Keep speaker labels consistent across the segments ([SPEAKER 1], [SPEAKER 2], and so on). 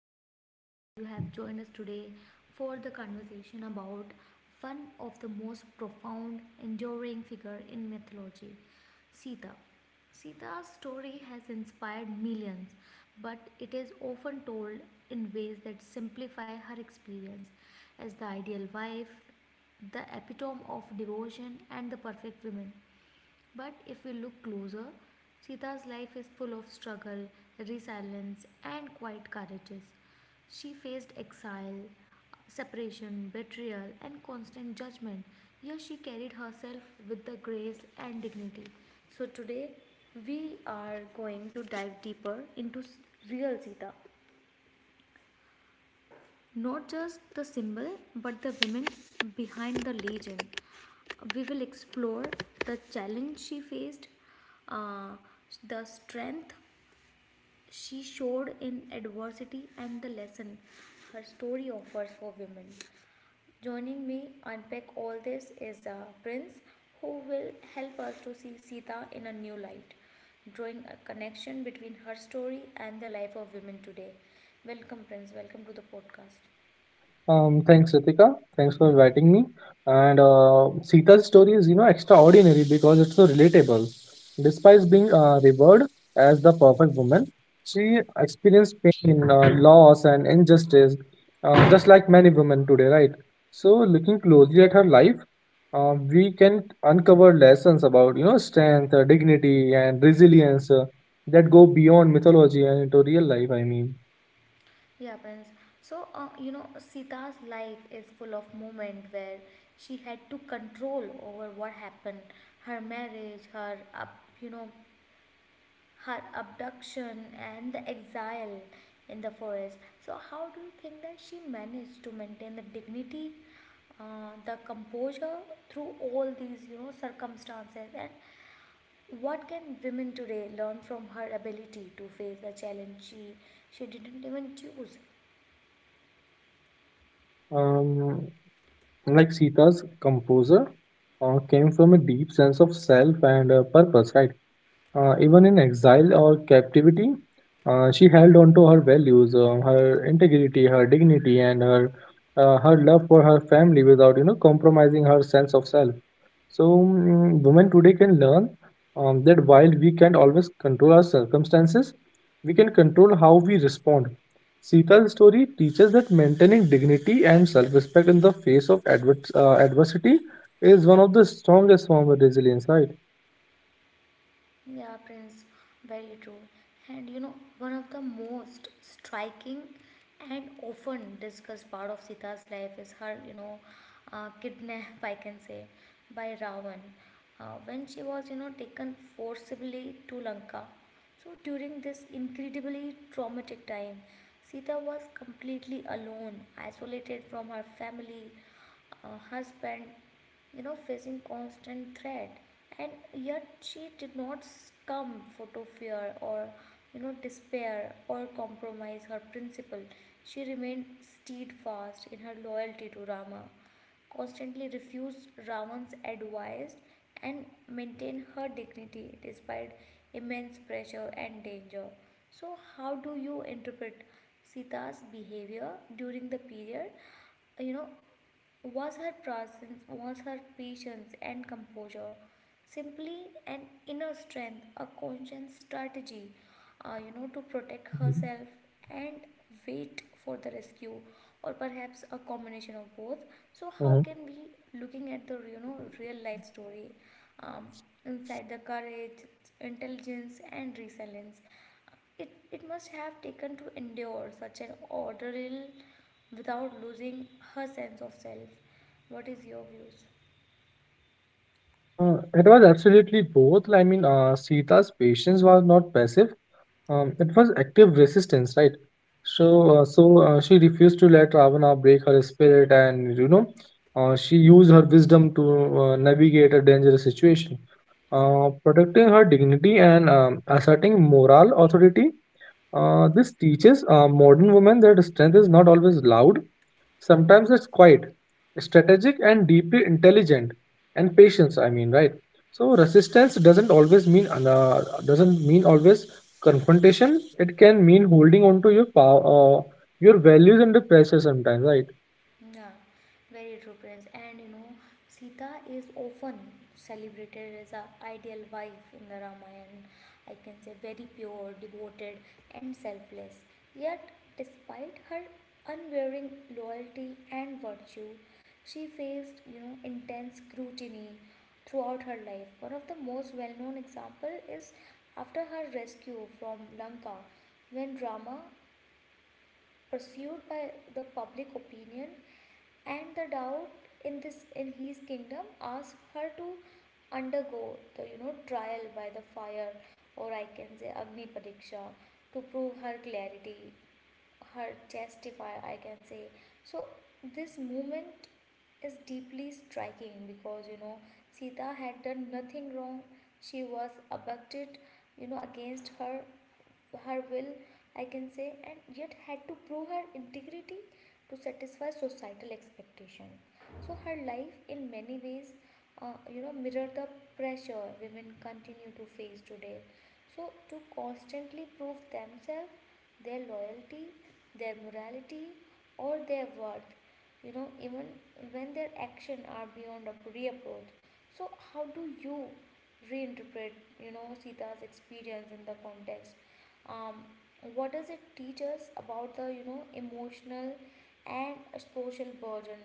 [SPEAKER 1] am so glad that you have joined us today for the conversation about one of the most profound, enduring figure in mythology, Sita. Sita's story has inspired millions, but it is often told in ways that simplify her experience as the ideal wife, the epitome of devotion, and the perfect woman. But if we look closer, Sita's life is full of struggle, resilience, and quite courageous. She faced exile, separation, betrayal, and constant judgment, yet she carried herself with the grace and dignity. So, today we are going to dive deeper into real Sita, not just the symbol but the women behind the legend. We will explore the challenge she faced, uh, the strength she showed in adversity, and the lesson her story offers for women. Joining me unpack all this is Prince, who will help us to see Sita in a new light, drawing a connection between her story and the life of women today. Welcome, Prince. Welcome to the podcast.
[SPEAKER 2] Thanks, Ritika. Thanks for inviting me. And Sita's story is, you know, extraordinary because it's so relatable. Despite being revered as the perfect woman, she experienced pain, loss, and injustice, just like many women today, right? So, looking closely at her life, we can uncover lessons about, you know, strength, dignity, and resilience that go beyond mythology and into real life. I mean.
[SPEAKER 1] Yeah, Prince. So, you know, Sita's life is full of moments where she had to control over what happened. Her marriage, her up, you know, her abduction and the exile in the forest. So, how do you think that she managed to maintain the dignity, the composure through all these, you know, circumstances? And what can women today learn from her ability to face the challenge she didn't even choose?
[SPEAKER 2] Um, like Sita's composer came from a deep sense of self and purpose, right? Even in exile or captivity, she held on to her values, her integrity, her dignity, and her love for her family without you know compromising her sense of self. So women today can learn that while we can't always control our circumstances, we can control how we respond. Sita's story teaches that maintaining dignity and self-respect in the face of adversity is one of the strongest form of resilience, right?
[SPEAKER 1] Yeah, Prince, very true. And you know, one of the most striking and often discussed part of Sita's life is her, you know, kidnap, I can say, by Ravan. When she was, you know, taken forcibly to Lanka. So during this incredibly traumatic time, Sita was completely alone, isolated from her family, husband, you know, facing constant threat, and yet she did not succumb to fear or, you know, despair or compromise her principle. She remained steadfast in her loyalty to Rama, constantly refused Ravan's advice, and maintained her dignity despite immense pressure and danger. So, how do you interpret Sita's behavior during the period, you know, was her presence, was her patience and composure simply an inner strength, a conscious strategy, you know, to protect
[SPEAKER 2] Mhm.
[SPEAKER 1] herself and wait for the rescue, or perhaps a combination of both. So, how
[SPEAKER 2] Mhm.
[SPEAKER 1] can we, looking at the you know real life story, um, inside the courage, intelligence, and resilience? It must have taken to endure such an ordeal without losing her sense of self. What is your views?
[SPEAKER 2] It was absolutely both. I mean, Sita's patience was not passive. It was active resistance, right?
[SPEAKER 1] Yeah.
[SPEAKER 2] So, she refused to let Ravana break her spirit, and you know, she used her wisdom to navigate a dangerous situation,
[SPEAKER 1] Yeah.
[SPEAKER 2] protecting her dignity and asserting moral authority. This teaches modern women that strength is not always loud. Sometimes it's quiet, strategic, and deeply intelligent, and patience. I mean, right? So resistance doesn't always mean doesn't mean always confrontation. It can mean holding on to your power, uh, your values under pressure sometimes, right?
[SPEAKER 1] Yeah, very true, Prince. And you know, Sita is often celebrated as a ideal wife in the Ramayana. I can say very pure, devoted, and selfless. Yet, despite her unwavering loyalty and virtue, she faced you know intense scrutiny throughout her life. One of the most well-known example is after her rescue from Lanka, when Rama, pursued by the public opinion and the doubt in this in his kingdom, asked her to undergo the you know trial by the fire, or I can say agni pariksha, to prove her clarity, her testify, I can say. So this moment is deeply striking because you know Sita had done nothing wrong. She was abducted, you know, against her will, I can say, and yet had to prove her integrity to satisfy societal expectation. So her life in many ways you know mirror the pressure women continue to face today, so to constantly prove themselves, their loyalty, their morality, or their worth, you know, even when their actions are beyond a reapproach. So, how do you reinterpret, you know, Sita's experience in the context? Um, what does it teach us about the, you know, emotional and social burden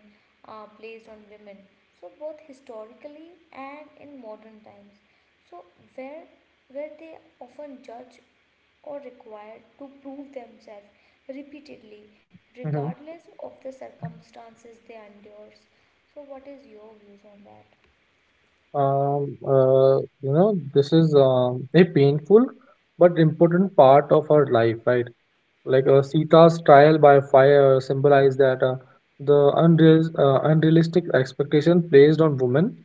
[SPEAKER 1] placed on women? So, both historically and in modern times. So, where where they often judge or required to prove themselves repeatedly
[SPEAKER 2] Hmm.
[SPEAKER 1] regardless of the circumstances they endure. So what is your views on that?
[SPEAKER 2] Um, uh, you know, this is a painful but important part of our life, right? Like Sita's trial by fire symbolized that unrealistic expectation placed on women.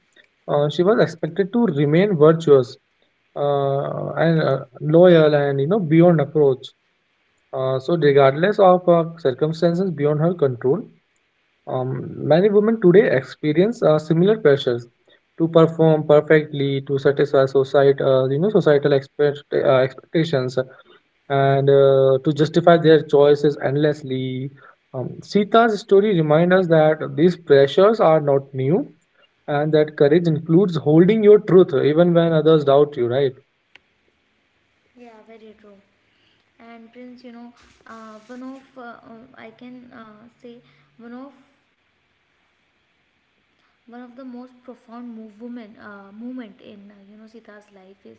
[SPEAKER 2] She was expected to remain virtuous and loyal and you know beyond approach. So regardless of circumstances beyond her control, many women today experience similar pressures to perform perfectly to satisfy society, expectations and to justify their choices endlessly. Sita's story reminds us that these pressures are not new and that courage includes holding your truth even when others doubt you, right?
[SPEAKER 1] Yeah, very true. And Prince, you know, one of I can say, one of one of the most profound moment in you know Sita's life is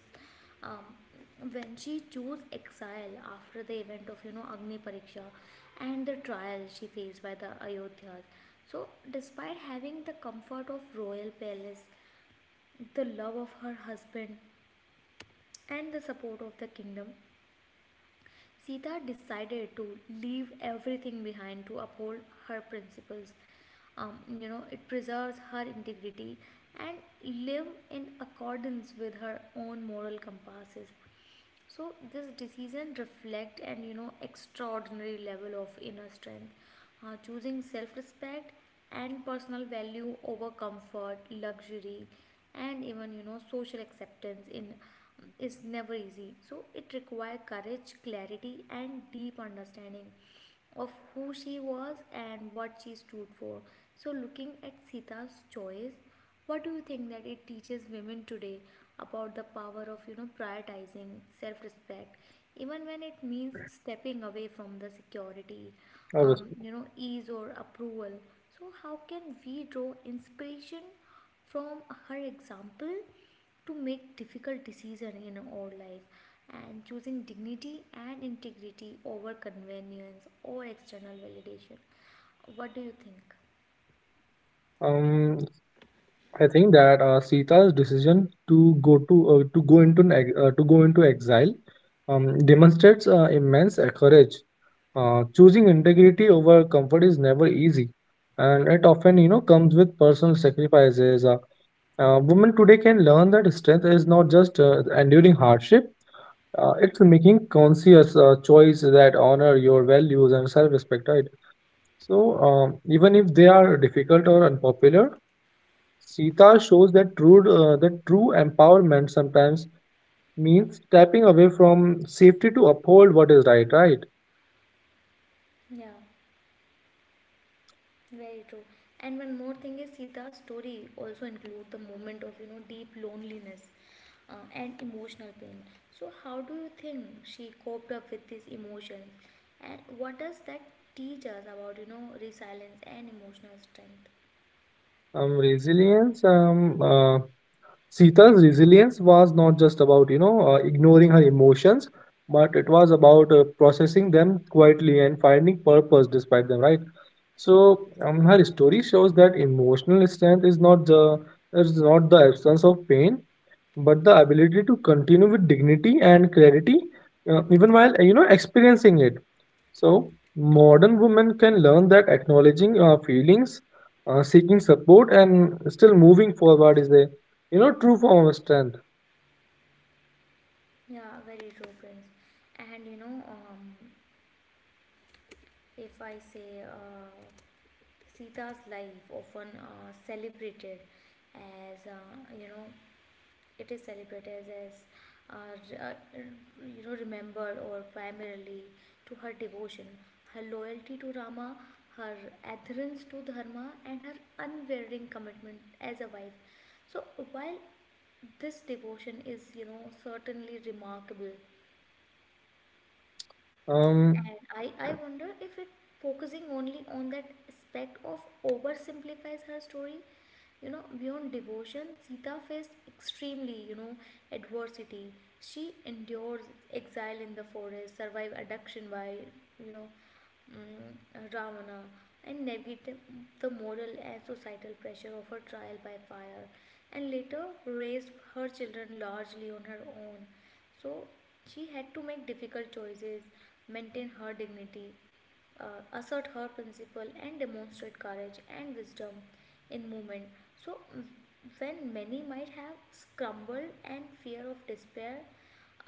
[SPEAKER 1] um, when she chose exile after the event of you know Agni Pariksha and the trial she faced by the Ayodhyas. So despite having the comfort of royal palace, the love of her husband, and the support of the kingdom, Sita decided to leave everything behind to uphold her principles. You know, it preserves her integrity and live in accordance with her own moral compasses. So this decision reflect an you know extraordinary level of inner strength, choosing self-respect and personal value over comfort, luxury, and even you know social acceptance in is never easy. So it requires courage, clarity, and deep understanding of who she was and what she stood for. So, looking at Sita's choice, what do you think that it teaches women today about the power of you know prioritizing self-respect, even when it means stepping away from the security,
[SPEAKER 2] Obviously.
[SPEAKER 1] you know, ease or approval? So, how can we draw inspiration from her example to make difficult decisions in our life and choosing dignity and integrity over convenience or external validation. What do you think?
[SPEAKER 2] Um, I think that Sita's decision to go into an ex- to go into exile demonstrates immense courage. Choosing integrity over comfort is never easy, and it often you know comes with personal sacrifices. Women today can learn that strength is not just enduring hardship. It's making conscious choice that honor your values and self-respect, right? So even if they are difficult or unpopular, Sita shows that true empowerment sometimes means stepping away from safety to uphold what is right, right?
[SPEAKER 1] Yeah, very true. And one more thing is Sita's story also include the moment of you know deep loneliness and emotional pain. So how do you think she coped up with these emotions, and what does that teach us about you know resilience and emotional strength?
[SPEAKER 2] Resilience. Sita's resilience was not just about, you know, ignoring her emotions, but it was about processing them quietly and finding purpose despite them, right? So, her story shows that emotional strength is not the absence of pain, but the ability to continue with dignity and clarity even while you know experiencing it. So modern women can learn that acknowledging feelings, seeking support and still moving forward is a you know true form of strength.
[SPEAKER 1] Yeah, very true, Prince. And you know, if I say Sita's life, often celebrated as you know, it is celebrated as uh, re- uh, you know, remembered or primarily to her devotion, her loyalty to Rama, her adherence to Dharma, and her unwavering commitment as a wife. So while this devotion is you know certainly remarkable,
[SPEAKER 2] um
[SPEAKER 1] and I wonder if it focusing only on that aspect of oversimplifies her story. You know, beyond devotion, Sita faced extremely, you know, adversity. She endured exile in the forest, survived abduction by, you know, Ravana, and navigate the moral and societal pressure of her trial by fire, and later raised her children largely on her own. So she had to make difficult choices, maintain her dignity, assert her principle, and demonstrate courage and wisdom in movement. So when many might have scrambled and fear of despair,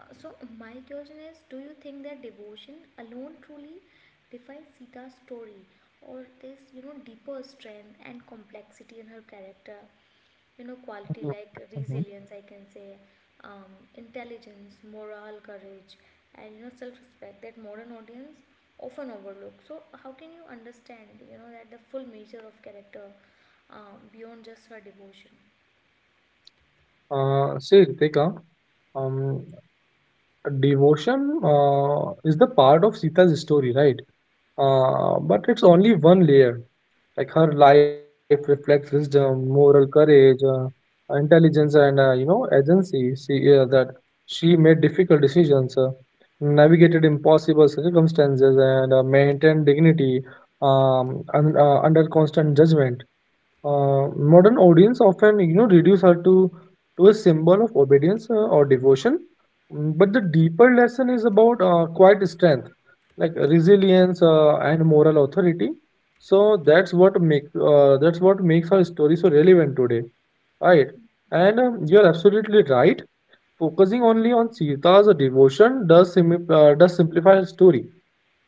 [SPEAKER 1] so my question is: Do you think that devotion alone truly defines Sita's story, or this you know deeper strength and complexity in her character, you know quality like
[SPEAKER 2] Mhm.
[SPEAKER 1] resilience I can say, intelligence, moral courage, and you know self-respect that modern audience often overlook? So how can you understand you know that the full measure of character beyond just her devotion?
[SPEAKER 2] Say Ritika, um devotion is the part of Sita's story, right? But it's only one layer. Like her life reflects wisdom, moral courage, intelligence, and you know agency. She made difficult decisions, navigated impossible circumstances, and maintained dignity under constant judgment. uh, Modern audience often you know reduce her to a symbol of obedience or devotion. Mm, but the deeper lesson is about quiet strength, like resilience and moral authority. So that's what makes her story so relevant today, right? And you're absolutely right, focusing only on Sita's devotion does simplify her story,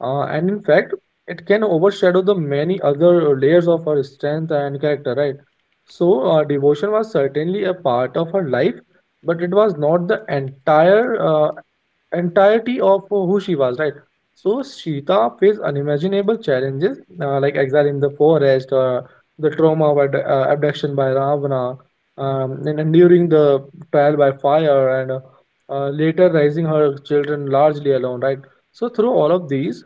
[SPEAKER 2] and in fact, it can overshadow the many other layers of her strength and character, right? So, devotion was certainly a part of her life, but it was not the entirety of who she was, right? So, Sita faced unimaginable challenges like exile in the forest, the trauma of abduction by Ravana, and enduring the trial by fire, and later raising her children largely alone, right? So through all of these,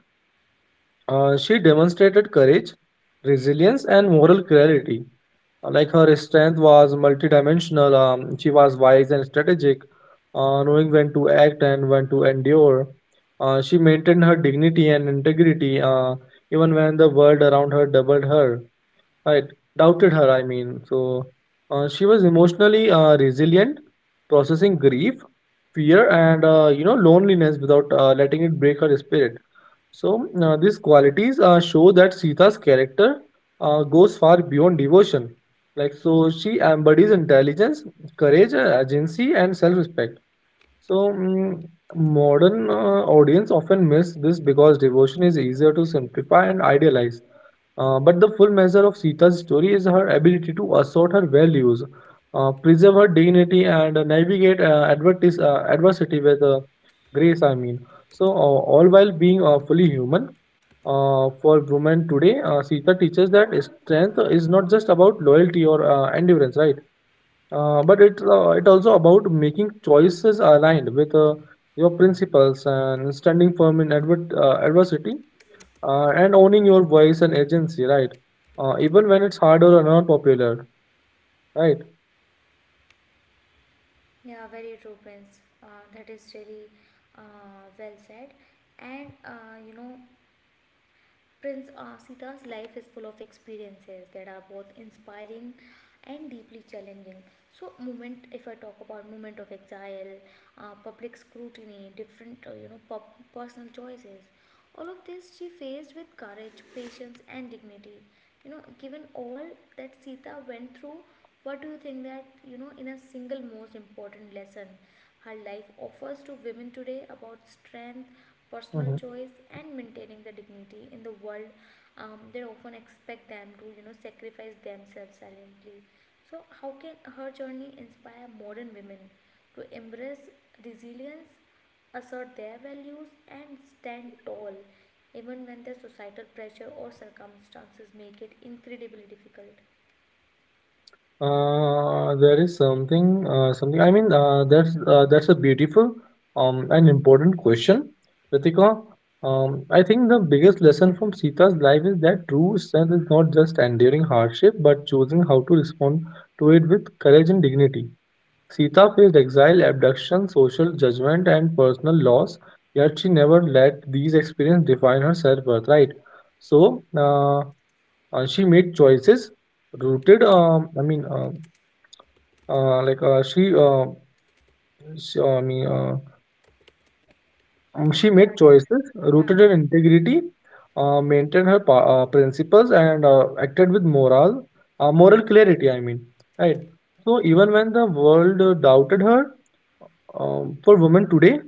[SPEAKER 2] she demonstrated courage, resilience, and moral clarity. Like her strength was multidimensional. She was wise and strategic, knowing when to act and when to endure. She maintained her dignity and integrity, even when the world around her doubled her, right? Doubted her, I mean. So she was emotionally resilient, processing grief, fear, and you know loneliness without letting it break her spirit. So, these qualities show that Sita's character goes far beyond devotion. Like, so she embodies intelligence, courage, agency, and self respect. So, modern audience often miss this because devotion is easier to simplify and idealize. But the full measure of Sita's story is her ability to assert her values, preserve her dignity, and navigate adversity with grace. I mean, so all while being fully human. For women today, Sita teaches that strength is not just about loyalty or endurance, right? But it also about making choices aligned with your principles and standing firm in adversity and owning your voice and agency, right? Even when it's hard or not popular, right?
[SPEAKER 1] Yeah, very true, Prince. That is really well said. And you know, Prince, Sita's life is full of experiences that are both inspiring and deeply challenging. So, moment if I talk about moment of exile, public scrutiny, different you know personal choices, all of this she faced with courage, patience, and dignity. You know, given all that Sita went through, what do you think that you know in a single most important lesson her life offers to women today about strength, personal
[SPEAKER 2] Mhm.
[SPEAKER 1] choice, and maintaining the dignity in the world. They often expect them to, you know, sacrifice themselves silently. So, how can her journey inspire modern women to embrace resilience, assert their values, and stand tall, even when the societal pressure or circumstances make it incredibly difficult?
[SPEAKER 2] There is something. I mean, that's a beautiful, and important question, Ritika. I think the biggest lesson from Sita's life is that true strength is not just enduring hardship, but choosing how to respond to it with courage and dignity. Sita faced exile, abduction, social judgment, and personal loss, yet she never let these experiences define her self-worth, right? So, she made choices rooted, I mean, like she, I mean, she made choices rooted in integrity, maintained her principles, and acted with moral clarity. I mean, right. So even when the world doubted her, for women today,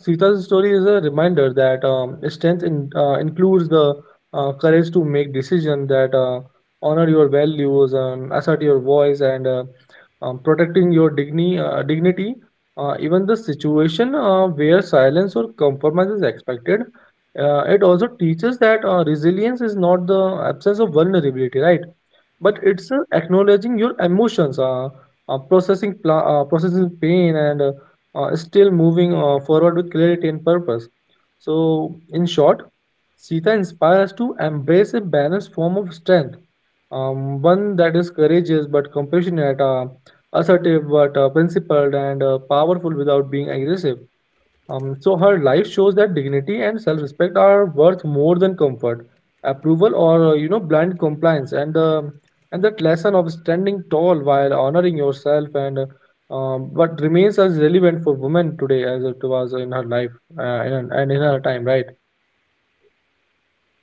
[SPEAKER 2] Sita's story is a reminder that strength includes the courage to make decisions that honor your values and assert your voice and protecting your dignity even the situation where silence or compromise is expected. It also teaches that resilience is not the absence of vulnerability, right?
[SPEAKER 1] Yeah.
[SPEAKER 2] But it's acknowledging your emotions, processing pain, and still moving forward with clarity and purpose. So, in short, Sita inspires us to embrace a balanced form of strength, one that is courageous but compassionate, assertive but principled and powerful without being aggressive. So her life shows that dignity and self-respect are worth more than comfort, approval, or you know blind compliance. And that lesson of standing tall while honoring yourself and but remains as relevant for women today as it was in her life and in her time, right?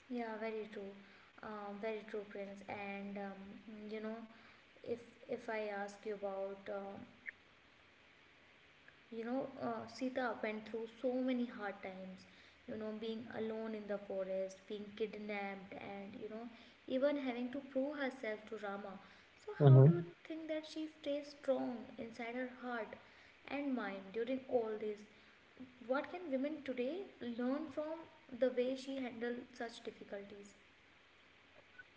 [SPEAKER 1] Yeah, very true. Very true, Prince. And you know, if if I ask you about, you know, Sita went through so many hard times. You know, being alone in the forest, being kidnapped, and you know, even having to prove herself to Rama. So, how do
[SPEAKER 2] Hmm.
[SPEAKER 1] you think that she stays strong inside her heart and mind during all this? What can women today learn from the way she handled such difficulties?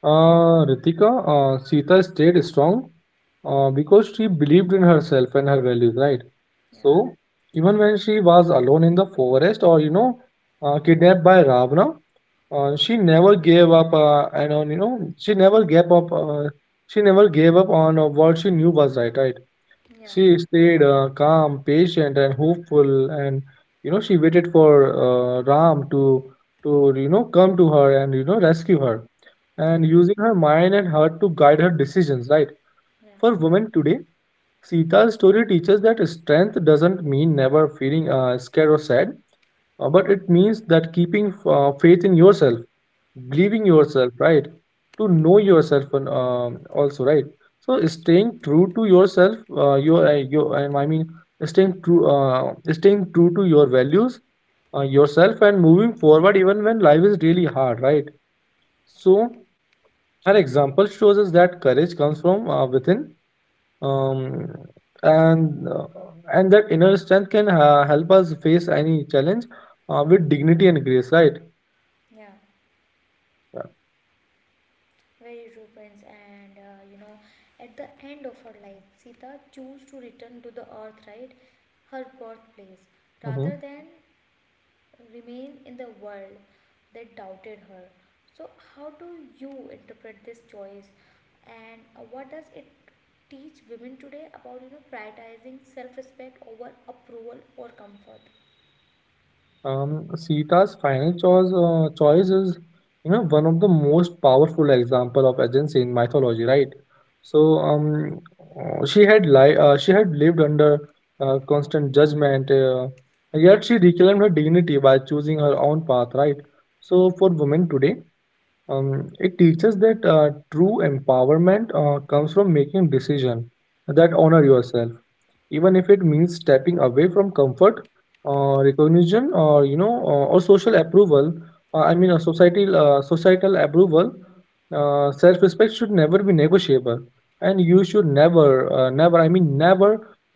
[SPEAKER 2] Ritika, Sita stayed strong because she believed in herself and her values, right?
[SPEAKER 1] Yeah,
[SPEAKER 2] So, even when she was alone in the forest or, you know, kidnapped by Ravana, she never gave up and on, you know, she never gave up, she never gave up on what she knew was right, right?
[SPEAKER 1] yeah.
[SPEAKER 2] She stayed calm, patient, and hopeful, and you know she waited for Ram to you know come to her and you know rescue her,
[SPEAKER 1] Yeah,
[SPEAKER 2] and using her mind and heart to guide her decisions. Right?
[SPEAKER 1] yeah,
[SPEAKER 2] For women today, Sita's story teaches that strength doesn't mean never feeling scared or sad, but it means that keeping faith in yourself, believing
[SPEAKER 1] yeah,
[SPEAKER 2] yourself, right, to know yourself and, also right. So staying true to yourself your I mean staying true to your values, yourself and moving forward even when life is really hard, right? So an example shows us that courage comes from within, um, and uh, and that inner strength can help us face any challenge with dignity and grace, right?
[SPEAKER 1] yeah.
[SPEAKER 2] Yeah.
[SPEAKER 1] Very true, Prince. And you know, at the end of her life, Sita chose to return to the earth, right? Her birthplace,
[SPEAKER 2] Mm-hmm.
[SPEAKER 1] rather than remain in the world that doubted her. So, how do you interpret this choice? And what does it teach women today about, you know, prioritizing self-respect over approval or comfort?
[SPEAKER 2] Sita's final choice is, you know, one of the most powerful example of agency in mythology, right? So, um, she had she had lived under constant judgment, yet she reclaimed her dignity by choosing her own path, right? So, for women today, it teaches that true empowerment comes from making decision that honor yourself even if it means stepping away from comfort recognition or or social approval I mean a societal approval. Self respect should never be negotiable, and you should never never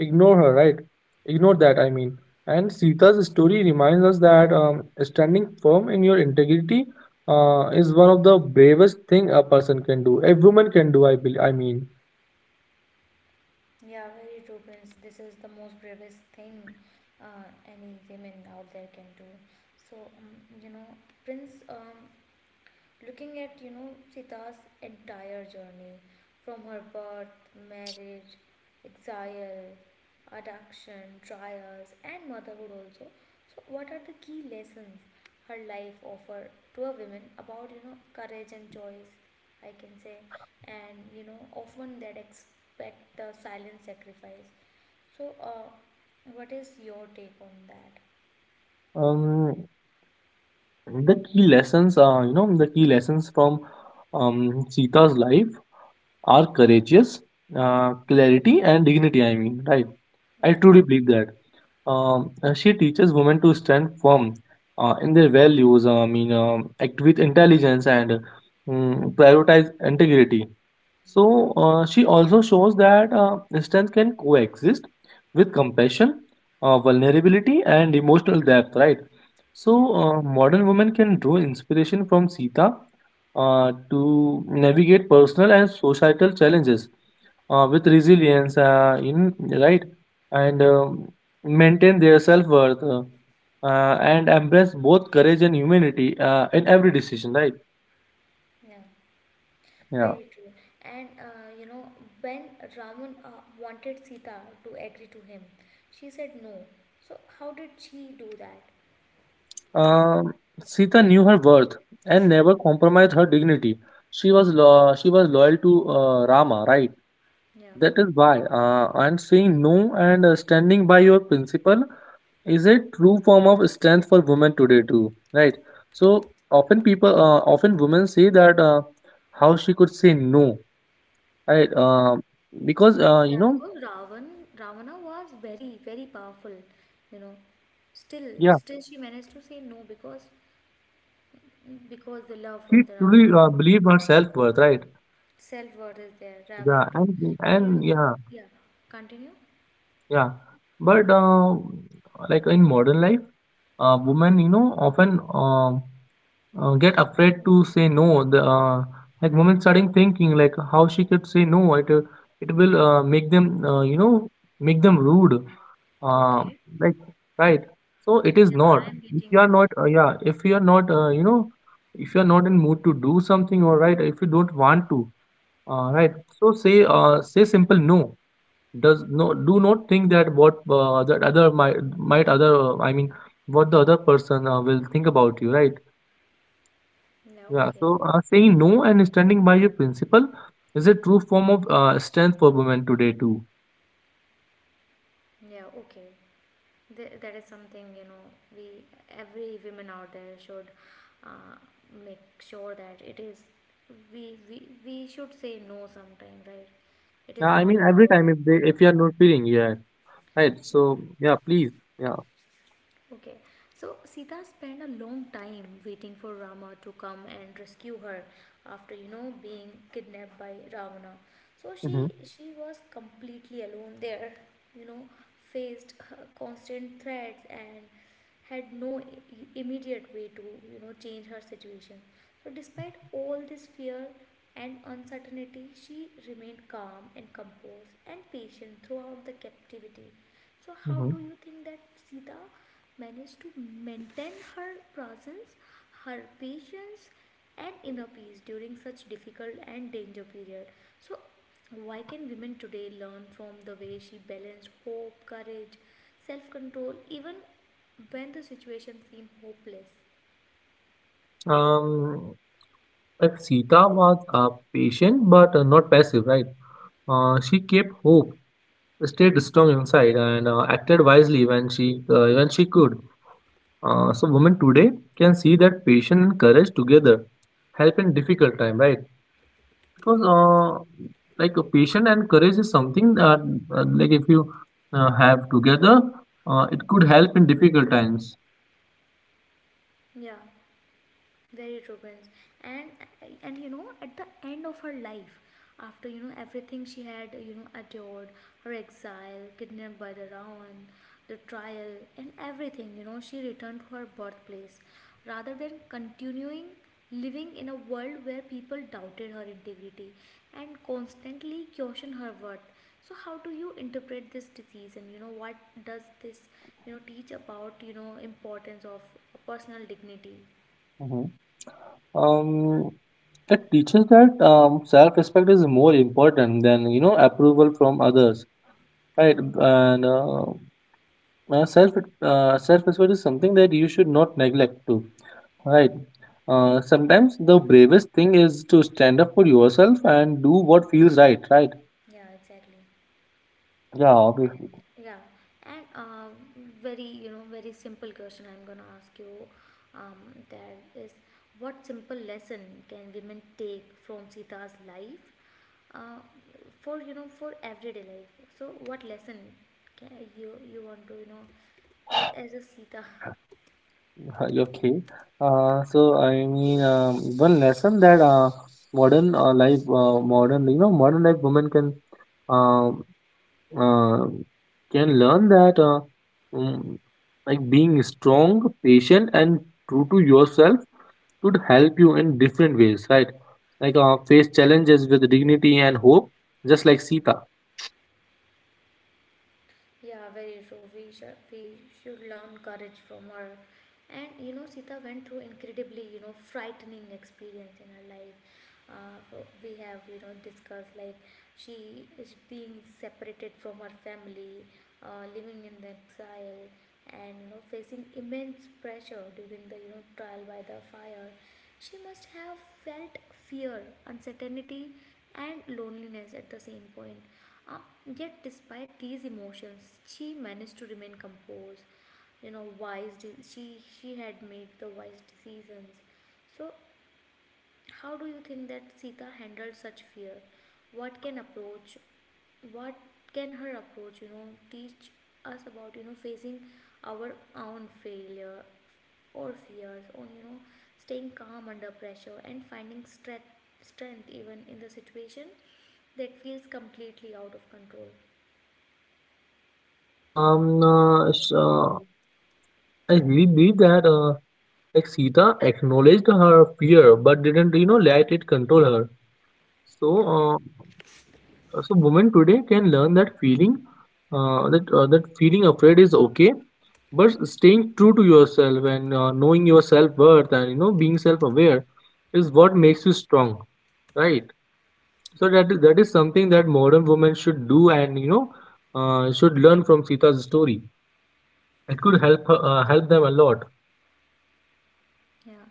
[SPEAKER 2] ignore her, right? Ignore that, I mean. And Sita's story reminds us that standing firm in your integrity is one of the bravest thing a person can do, a woman can do, I believe, I mean.
[SPEAKER 1] Yeah, very true, Prince. This is the most bravest thing any women out there can do. So, you know, Prince, looking at, you know, Sita's entire journey from her birth, marriage, exile, adoption, trials, and motherhood also. So, what are the key lessons her life offer to a woman about, you know, courage and choice, I can say? And you know, often that expect the silent sacrifice, so uh, what is your take on that?
[SPEAKER 2] um, The key lessons are, you know, the key lessons from Sita's life are courageous, clarity, and dignity. I mean, right? I
[SPEAKER 1] yeah
[SPEAKER 2] truly believe that. She teaches women to stand firm in their values. I mean, act with intelligence and prioritize integrity. So she also shows that strength can coexist with compassion, vulnerability, and emotional depth, right?
[SPEAKER 1] yeah
[SPEAKER 2] So modern women can draw inspiration from Sita to navigate personal and societal challenges with resilience, in, right? And maintain their self worth and embrace both courage and humanity in every decision, right?
[SPEAKER 1] yeah,
[SPEAKER 2] Yeah.
[SPEAKER 1] Very true. And you know, when Ravan wanted Sita to agree to him, she said no. So how did she do that?
[SPEAKER 2] Um, Sita knew her worth and never compromised her dignity. She was she was loyal to Rama, right?
[SPEAKER 1] Yeah,
[SPEAKER 2] That is why. And saying no and standing by your principle is a true form of strength for women today too, right? So often people, often women say that how she could say no, right?
[SPEAKER 1] yeah,
[SPEAKER 2] Because
[SPEAKER 1] yeah. Because Ravan, Ravana was very, very powerful. You know, still,
[SPEAKER 2] yeah,
[SPEAKER 1] still she managed to say no because because the love for
[SPEAKER 2] she
[SPEAKER 1] the
[SPEAKER 2] truly
[SPEAKER 1] Rama.
[SPEAKER 2] believed her self worth, right?
[SPEAKER 1] Self worth is there, yeah, very
[SPEAKER 2] Yeah,
[SPEAKER 1] true. And you
[SPEAKER 2] and
[SPEAKER 1] know,
[SPEAKER 2] yeah.
[SPEAKER 1] yeah, continue.
[SPEAKER 2] Yeah, but like in modern life, women, you know, often get afraid to say no. The Like women starting thinking like how she could say no. It will make them, you know, make them rude. Uh,
[SPEAKER 1] Okay.
[SPEAKER 2] like, right. So it is
[SPEAKER 1] Yeah,
[SPEAKER 2] not.
[SPEAKER 1] I'm
[SPEAKER 2] If
[SPEAKER 1] getting
[SPEAKER 2] you are
[SPEAKER 1] you. Yeah,
[SPEAKER 2] not, yeah. If you are not, if you are not in mood to do something, or right, if you don't want to,
[SPEAKER 1] yeah,
[SPEAKER 2] right. So say simple no, does no, do not think that what that other might other I mean what the other person will think about you, right?
[SPEAKER 1] yeah.
[SPEAKER 2] Yeah.
[SPEAKER 1] Okay,
[SPEAKER 2] So saying no and standing by your principle is a true form of strength for women today too.
[SPEAKER 1] yeah, okay. That is something you know. We every women out there should uh, make sure that it is. We should say no sometime, right? It
[SPEAKER 2] Yeah.
[SPEAKER 1] is
[SPEAKER 2] I
[SPEAKER 1] not
[SPEAKER 2] mean every
[SPEAKER 1] about
[SPEAKER 2] time
[SPEAKER 1] yeah.
[SPEAKER 2] if you are not feeling, yeah, right.
[SPEAKER 1] Yeah.
[SPEAKER 2] So yeah, please, yeah.
[SPEAKER 1] Okay, so Sita spent a long time waiting for Rama to come and rescue her after, you know, being kidnapped by Ravana. So she
[SPEAKER 2] Hmm.
[SPEAKER 1] she was completely alone there, you know, faced her constant threats and had no immediate way to, you know, change her situation. So despite all this fear and uncertainty, she remained calm and composed and patient throughout the captivity. So how
[SPEAKER 2] Hmm.
[SPEAKER 1] do you think that Sita managed to maintain her presence, her patience, and inner peace during such difficult and danger period? So why can women today learn from the way she balanced hope, courage, self control, even when the situation seemed hopeless?
[SPEAKER 2] Um, like Sita was patient but not passive, right? She kept hope, stayed strong inside and acted wisely when she could. So women today can see that patience and courage together help in difficult time, right? Because patience and courage is something that like if you have together, it could help in difficult times.
[SPEAKER 1] Yeah, very true, Prince. And you know, at the end of her life, after, you know, everything she had, you know, endured, her exile, kidnapped by the Ravan, the trial, and everything, you know, she returned to her birthplace rather than continuing living in a world where people doubted her integrity and constantly questioned her worth. So how do you interpret this disease, and, you know, what does this, you know, teach about, you know, importance of personal dignity?
[SPEAKER 2] Hmm. Um, it teaches that self-respect is more important than, you know, approval from others, right? And Uh, self self respect is something that you should not neglect too. Right. Sometimes the bravest thing is to stand up for yourself and do what feels right. Right.
[SPEAKER 1] Yeah, exactly.
[SPEAKER 2] Yeah, obviously.
[SPEAKER 1] Yeah, and very, you know, very simple question I'm gonna ask you. That is, what simple lesson can women take from Sita's life, uh, for, you know, for everyday life? So what lesson can you want to, you know, as a Sita?
[SPEAKER 2] Okay. So I mean, one lesson that modern life, modern you know, modern life women um uh, can learn that um, like being strong, patient, and true to yourself could help you in different ways, right? Like face challenges with dignity and hope, just like Sita.
[SPEAKER 1] Yeah, very true. We should learn courage from her. And you know, Sita went through incredibly, you know, frightening experience in her life. So we have, you know, discussed like she is being separated from her family, living in the exile, and you know facing immense pressure during the, you know, trial by the fire. She must have felt fear, uncertainty, and loneliness at the same point. Uh, Yet, despite these emotions, she managed to remain composed. You know, wise. She had made the wise decisions. So how do you think that Sita handled such fear? What can approach, what can her approach, you know, teach us about, you know, facing our own failure or fears on, you know, staying calm under pressure and finding strength, strength, even in the situation that feels completely out of control.
[SPEAKER 2] Um, uh, s- uh, I really believe that like Sita acknowledged her fear but didn't, you know, let it control her. So,
[SPEAKER 1] Yeah.
[SPEAKER 2] uh, so women today can learn that feeling, that that feeling afraid is okay, but staying true to yourself and knowing your self worth and, you know, being self aware is what makes you strong, right? So that is something that modern women should do, and you know, should learn from Sita's story. It could help her, help them a lot.
[SPEAKER 1] Yeah,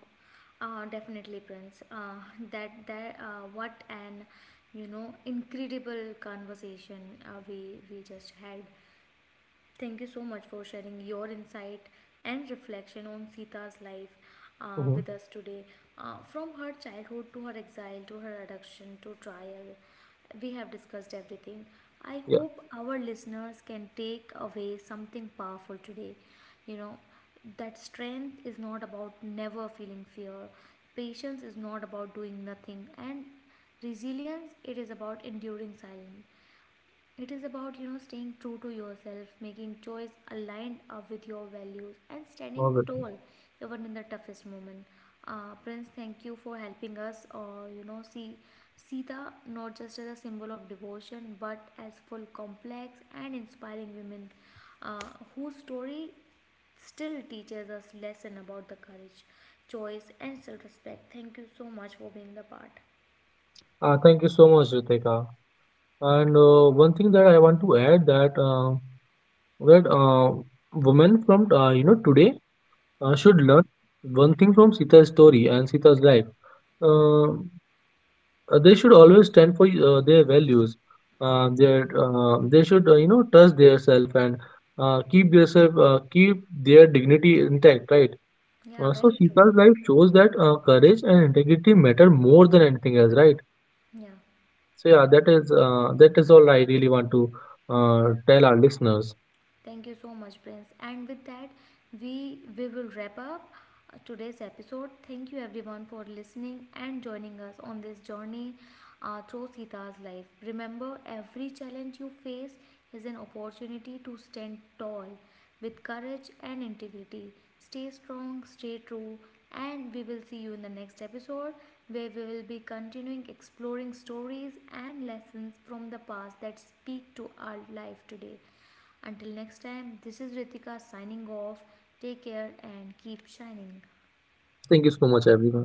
[SPEAKER 1] definitely, Prince. That that What an, you know, incredible conversation we just had. Thank you so much for sharing your insight and reflection on Sita's life
[SPEAKER 2] Hmm.
[SPEAKER 1] with us today. From her childhood to her exile to her adoption to trial, we have discussed everything. I
[SPEAKER 2] Yeah,
[SPEAKER 1] hope our listeners can take away something powerful today. You know, that strength is not about never feeling fear, patience is not about doing nothing, and resilience, it is about enduring silence, it is about, you know, staying true to yourself, making choice aligned up with your values, and standing
[SPEAKER 2] obviously.
[SPEAKER 1] tall even in the toughest moment. Prince, thank you for helping us, you know, see Sita not just as a symbol of devotion, but as full, complex, and inspiring women, uh, whose story still teaches us lesson about the courage, choice, and self-respect. Thank you so much for being the part.
[SPEAKER 2] Thank you so much, Ritika. And one thing that I want to add, that that uh, women from you know today should
[SPEAKER 1] Yeah,
[SPEAKER 2] learn one thing from Sita's story and Sita's life. Uh, they should always stand for their values,
[SPEAKER 1] yeah,
[SPEAKER 2] their they should, you know, trust their self and keep their self, keep their dignity intact, right?
[SPEAKER 1] yeah,
[SPEAKER 2] So
[SPEAKER 1] very true.
[SPEAKER 2] Sita's life shows that courage and integrity matter more than anything else, right?
[SPEAKER 1] Yeah.
[SPEAKER 2] So yeah, that is all I really want to tell our listeners.
[SPEAKER 1] Thank you so much, Prince. And with that, we will wrap up today's episode. Thank you everyone for listening and joining us on this journey through Sita's life. Remember, every challenge you face is an opportunity to stand tall with courage and integrity. Stay strong, stay true, and we will see you in the next episode where we will be continuing exploring stories and lessons from the past that speak to our life today. Until next time, this is Ritika signing off. Take care and keep shining.
[SPEAKER 2] Thank you so much, everyone.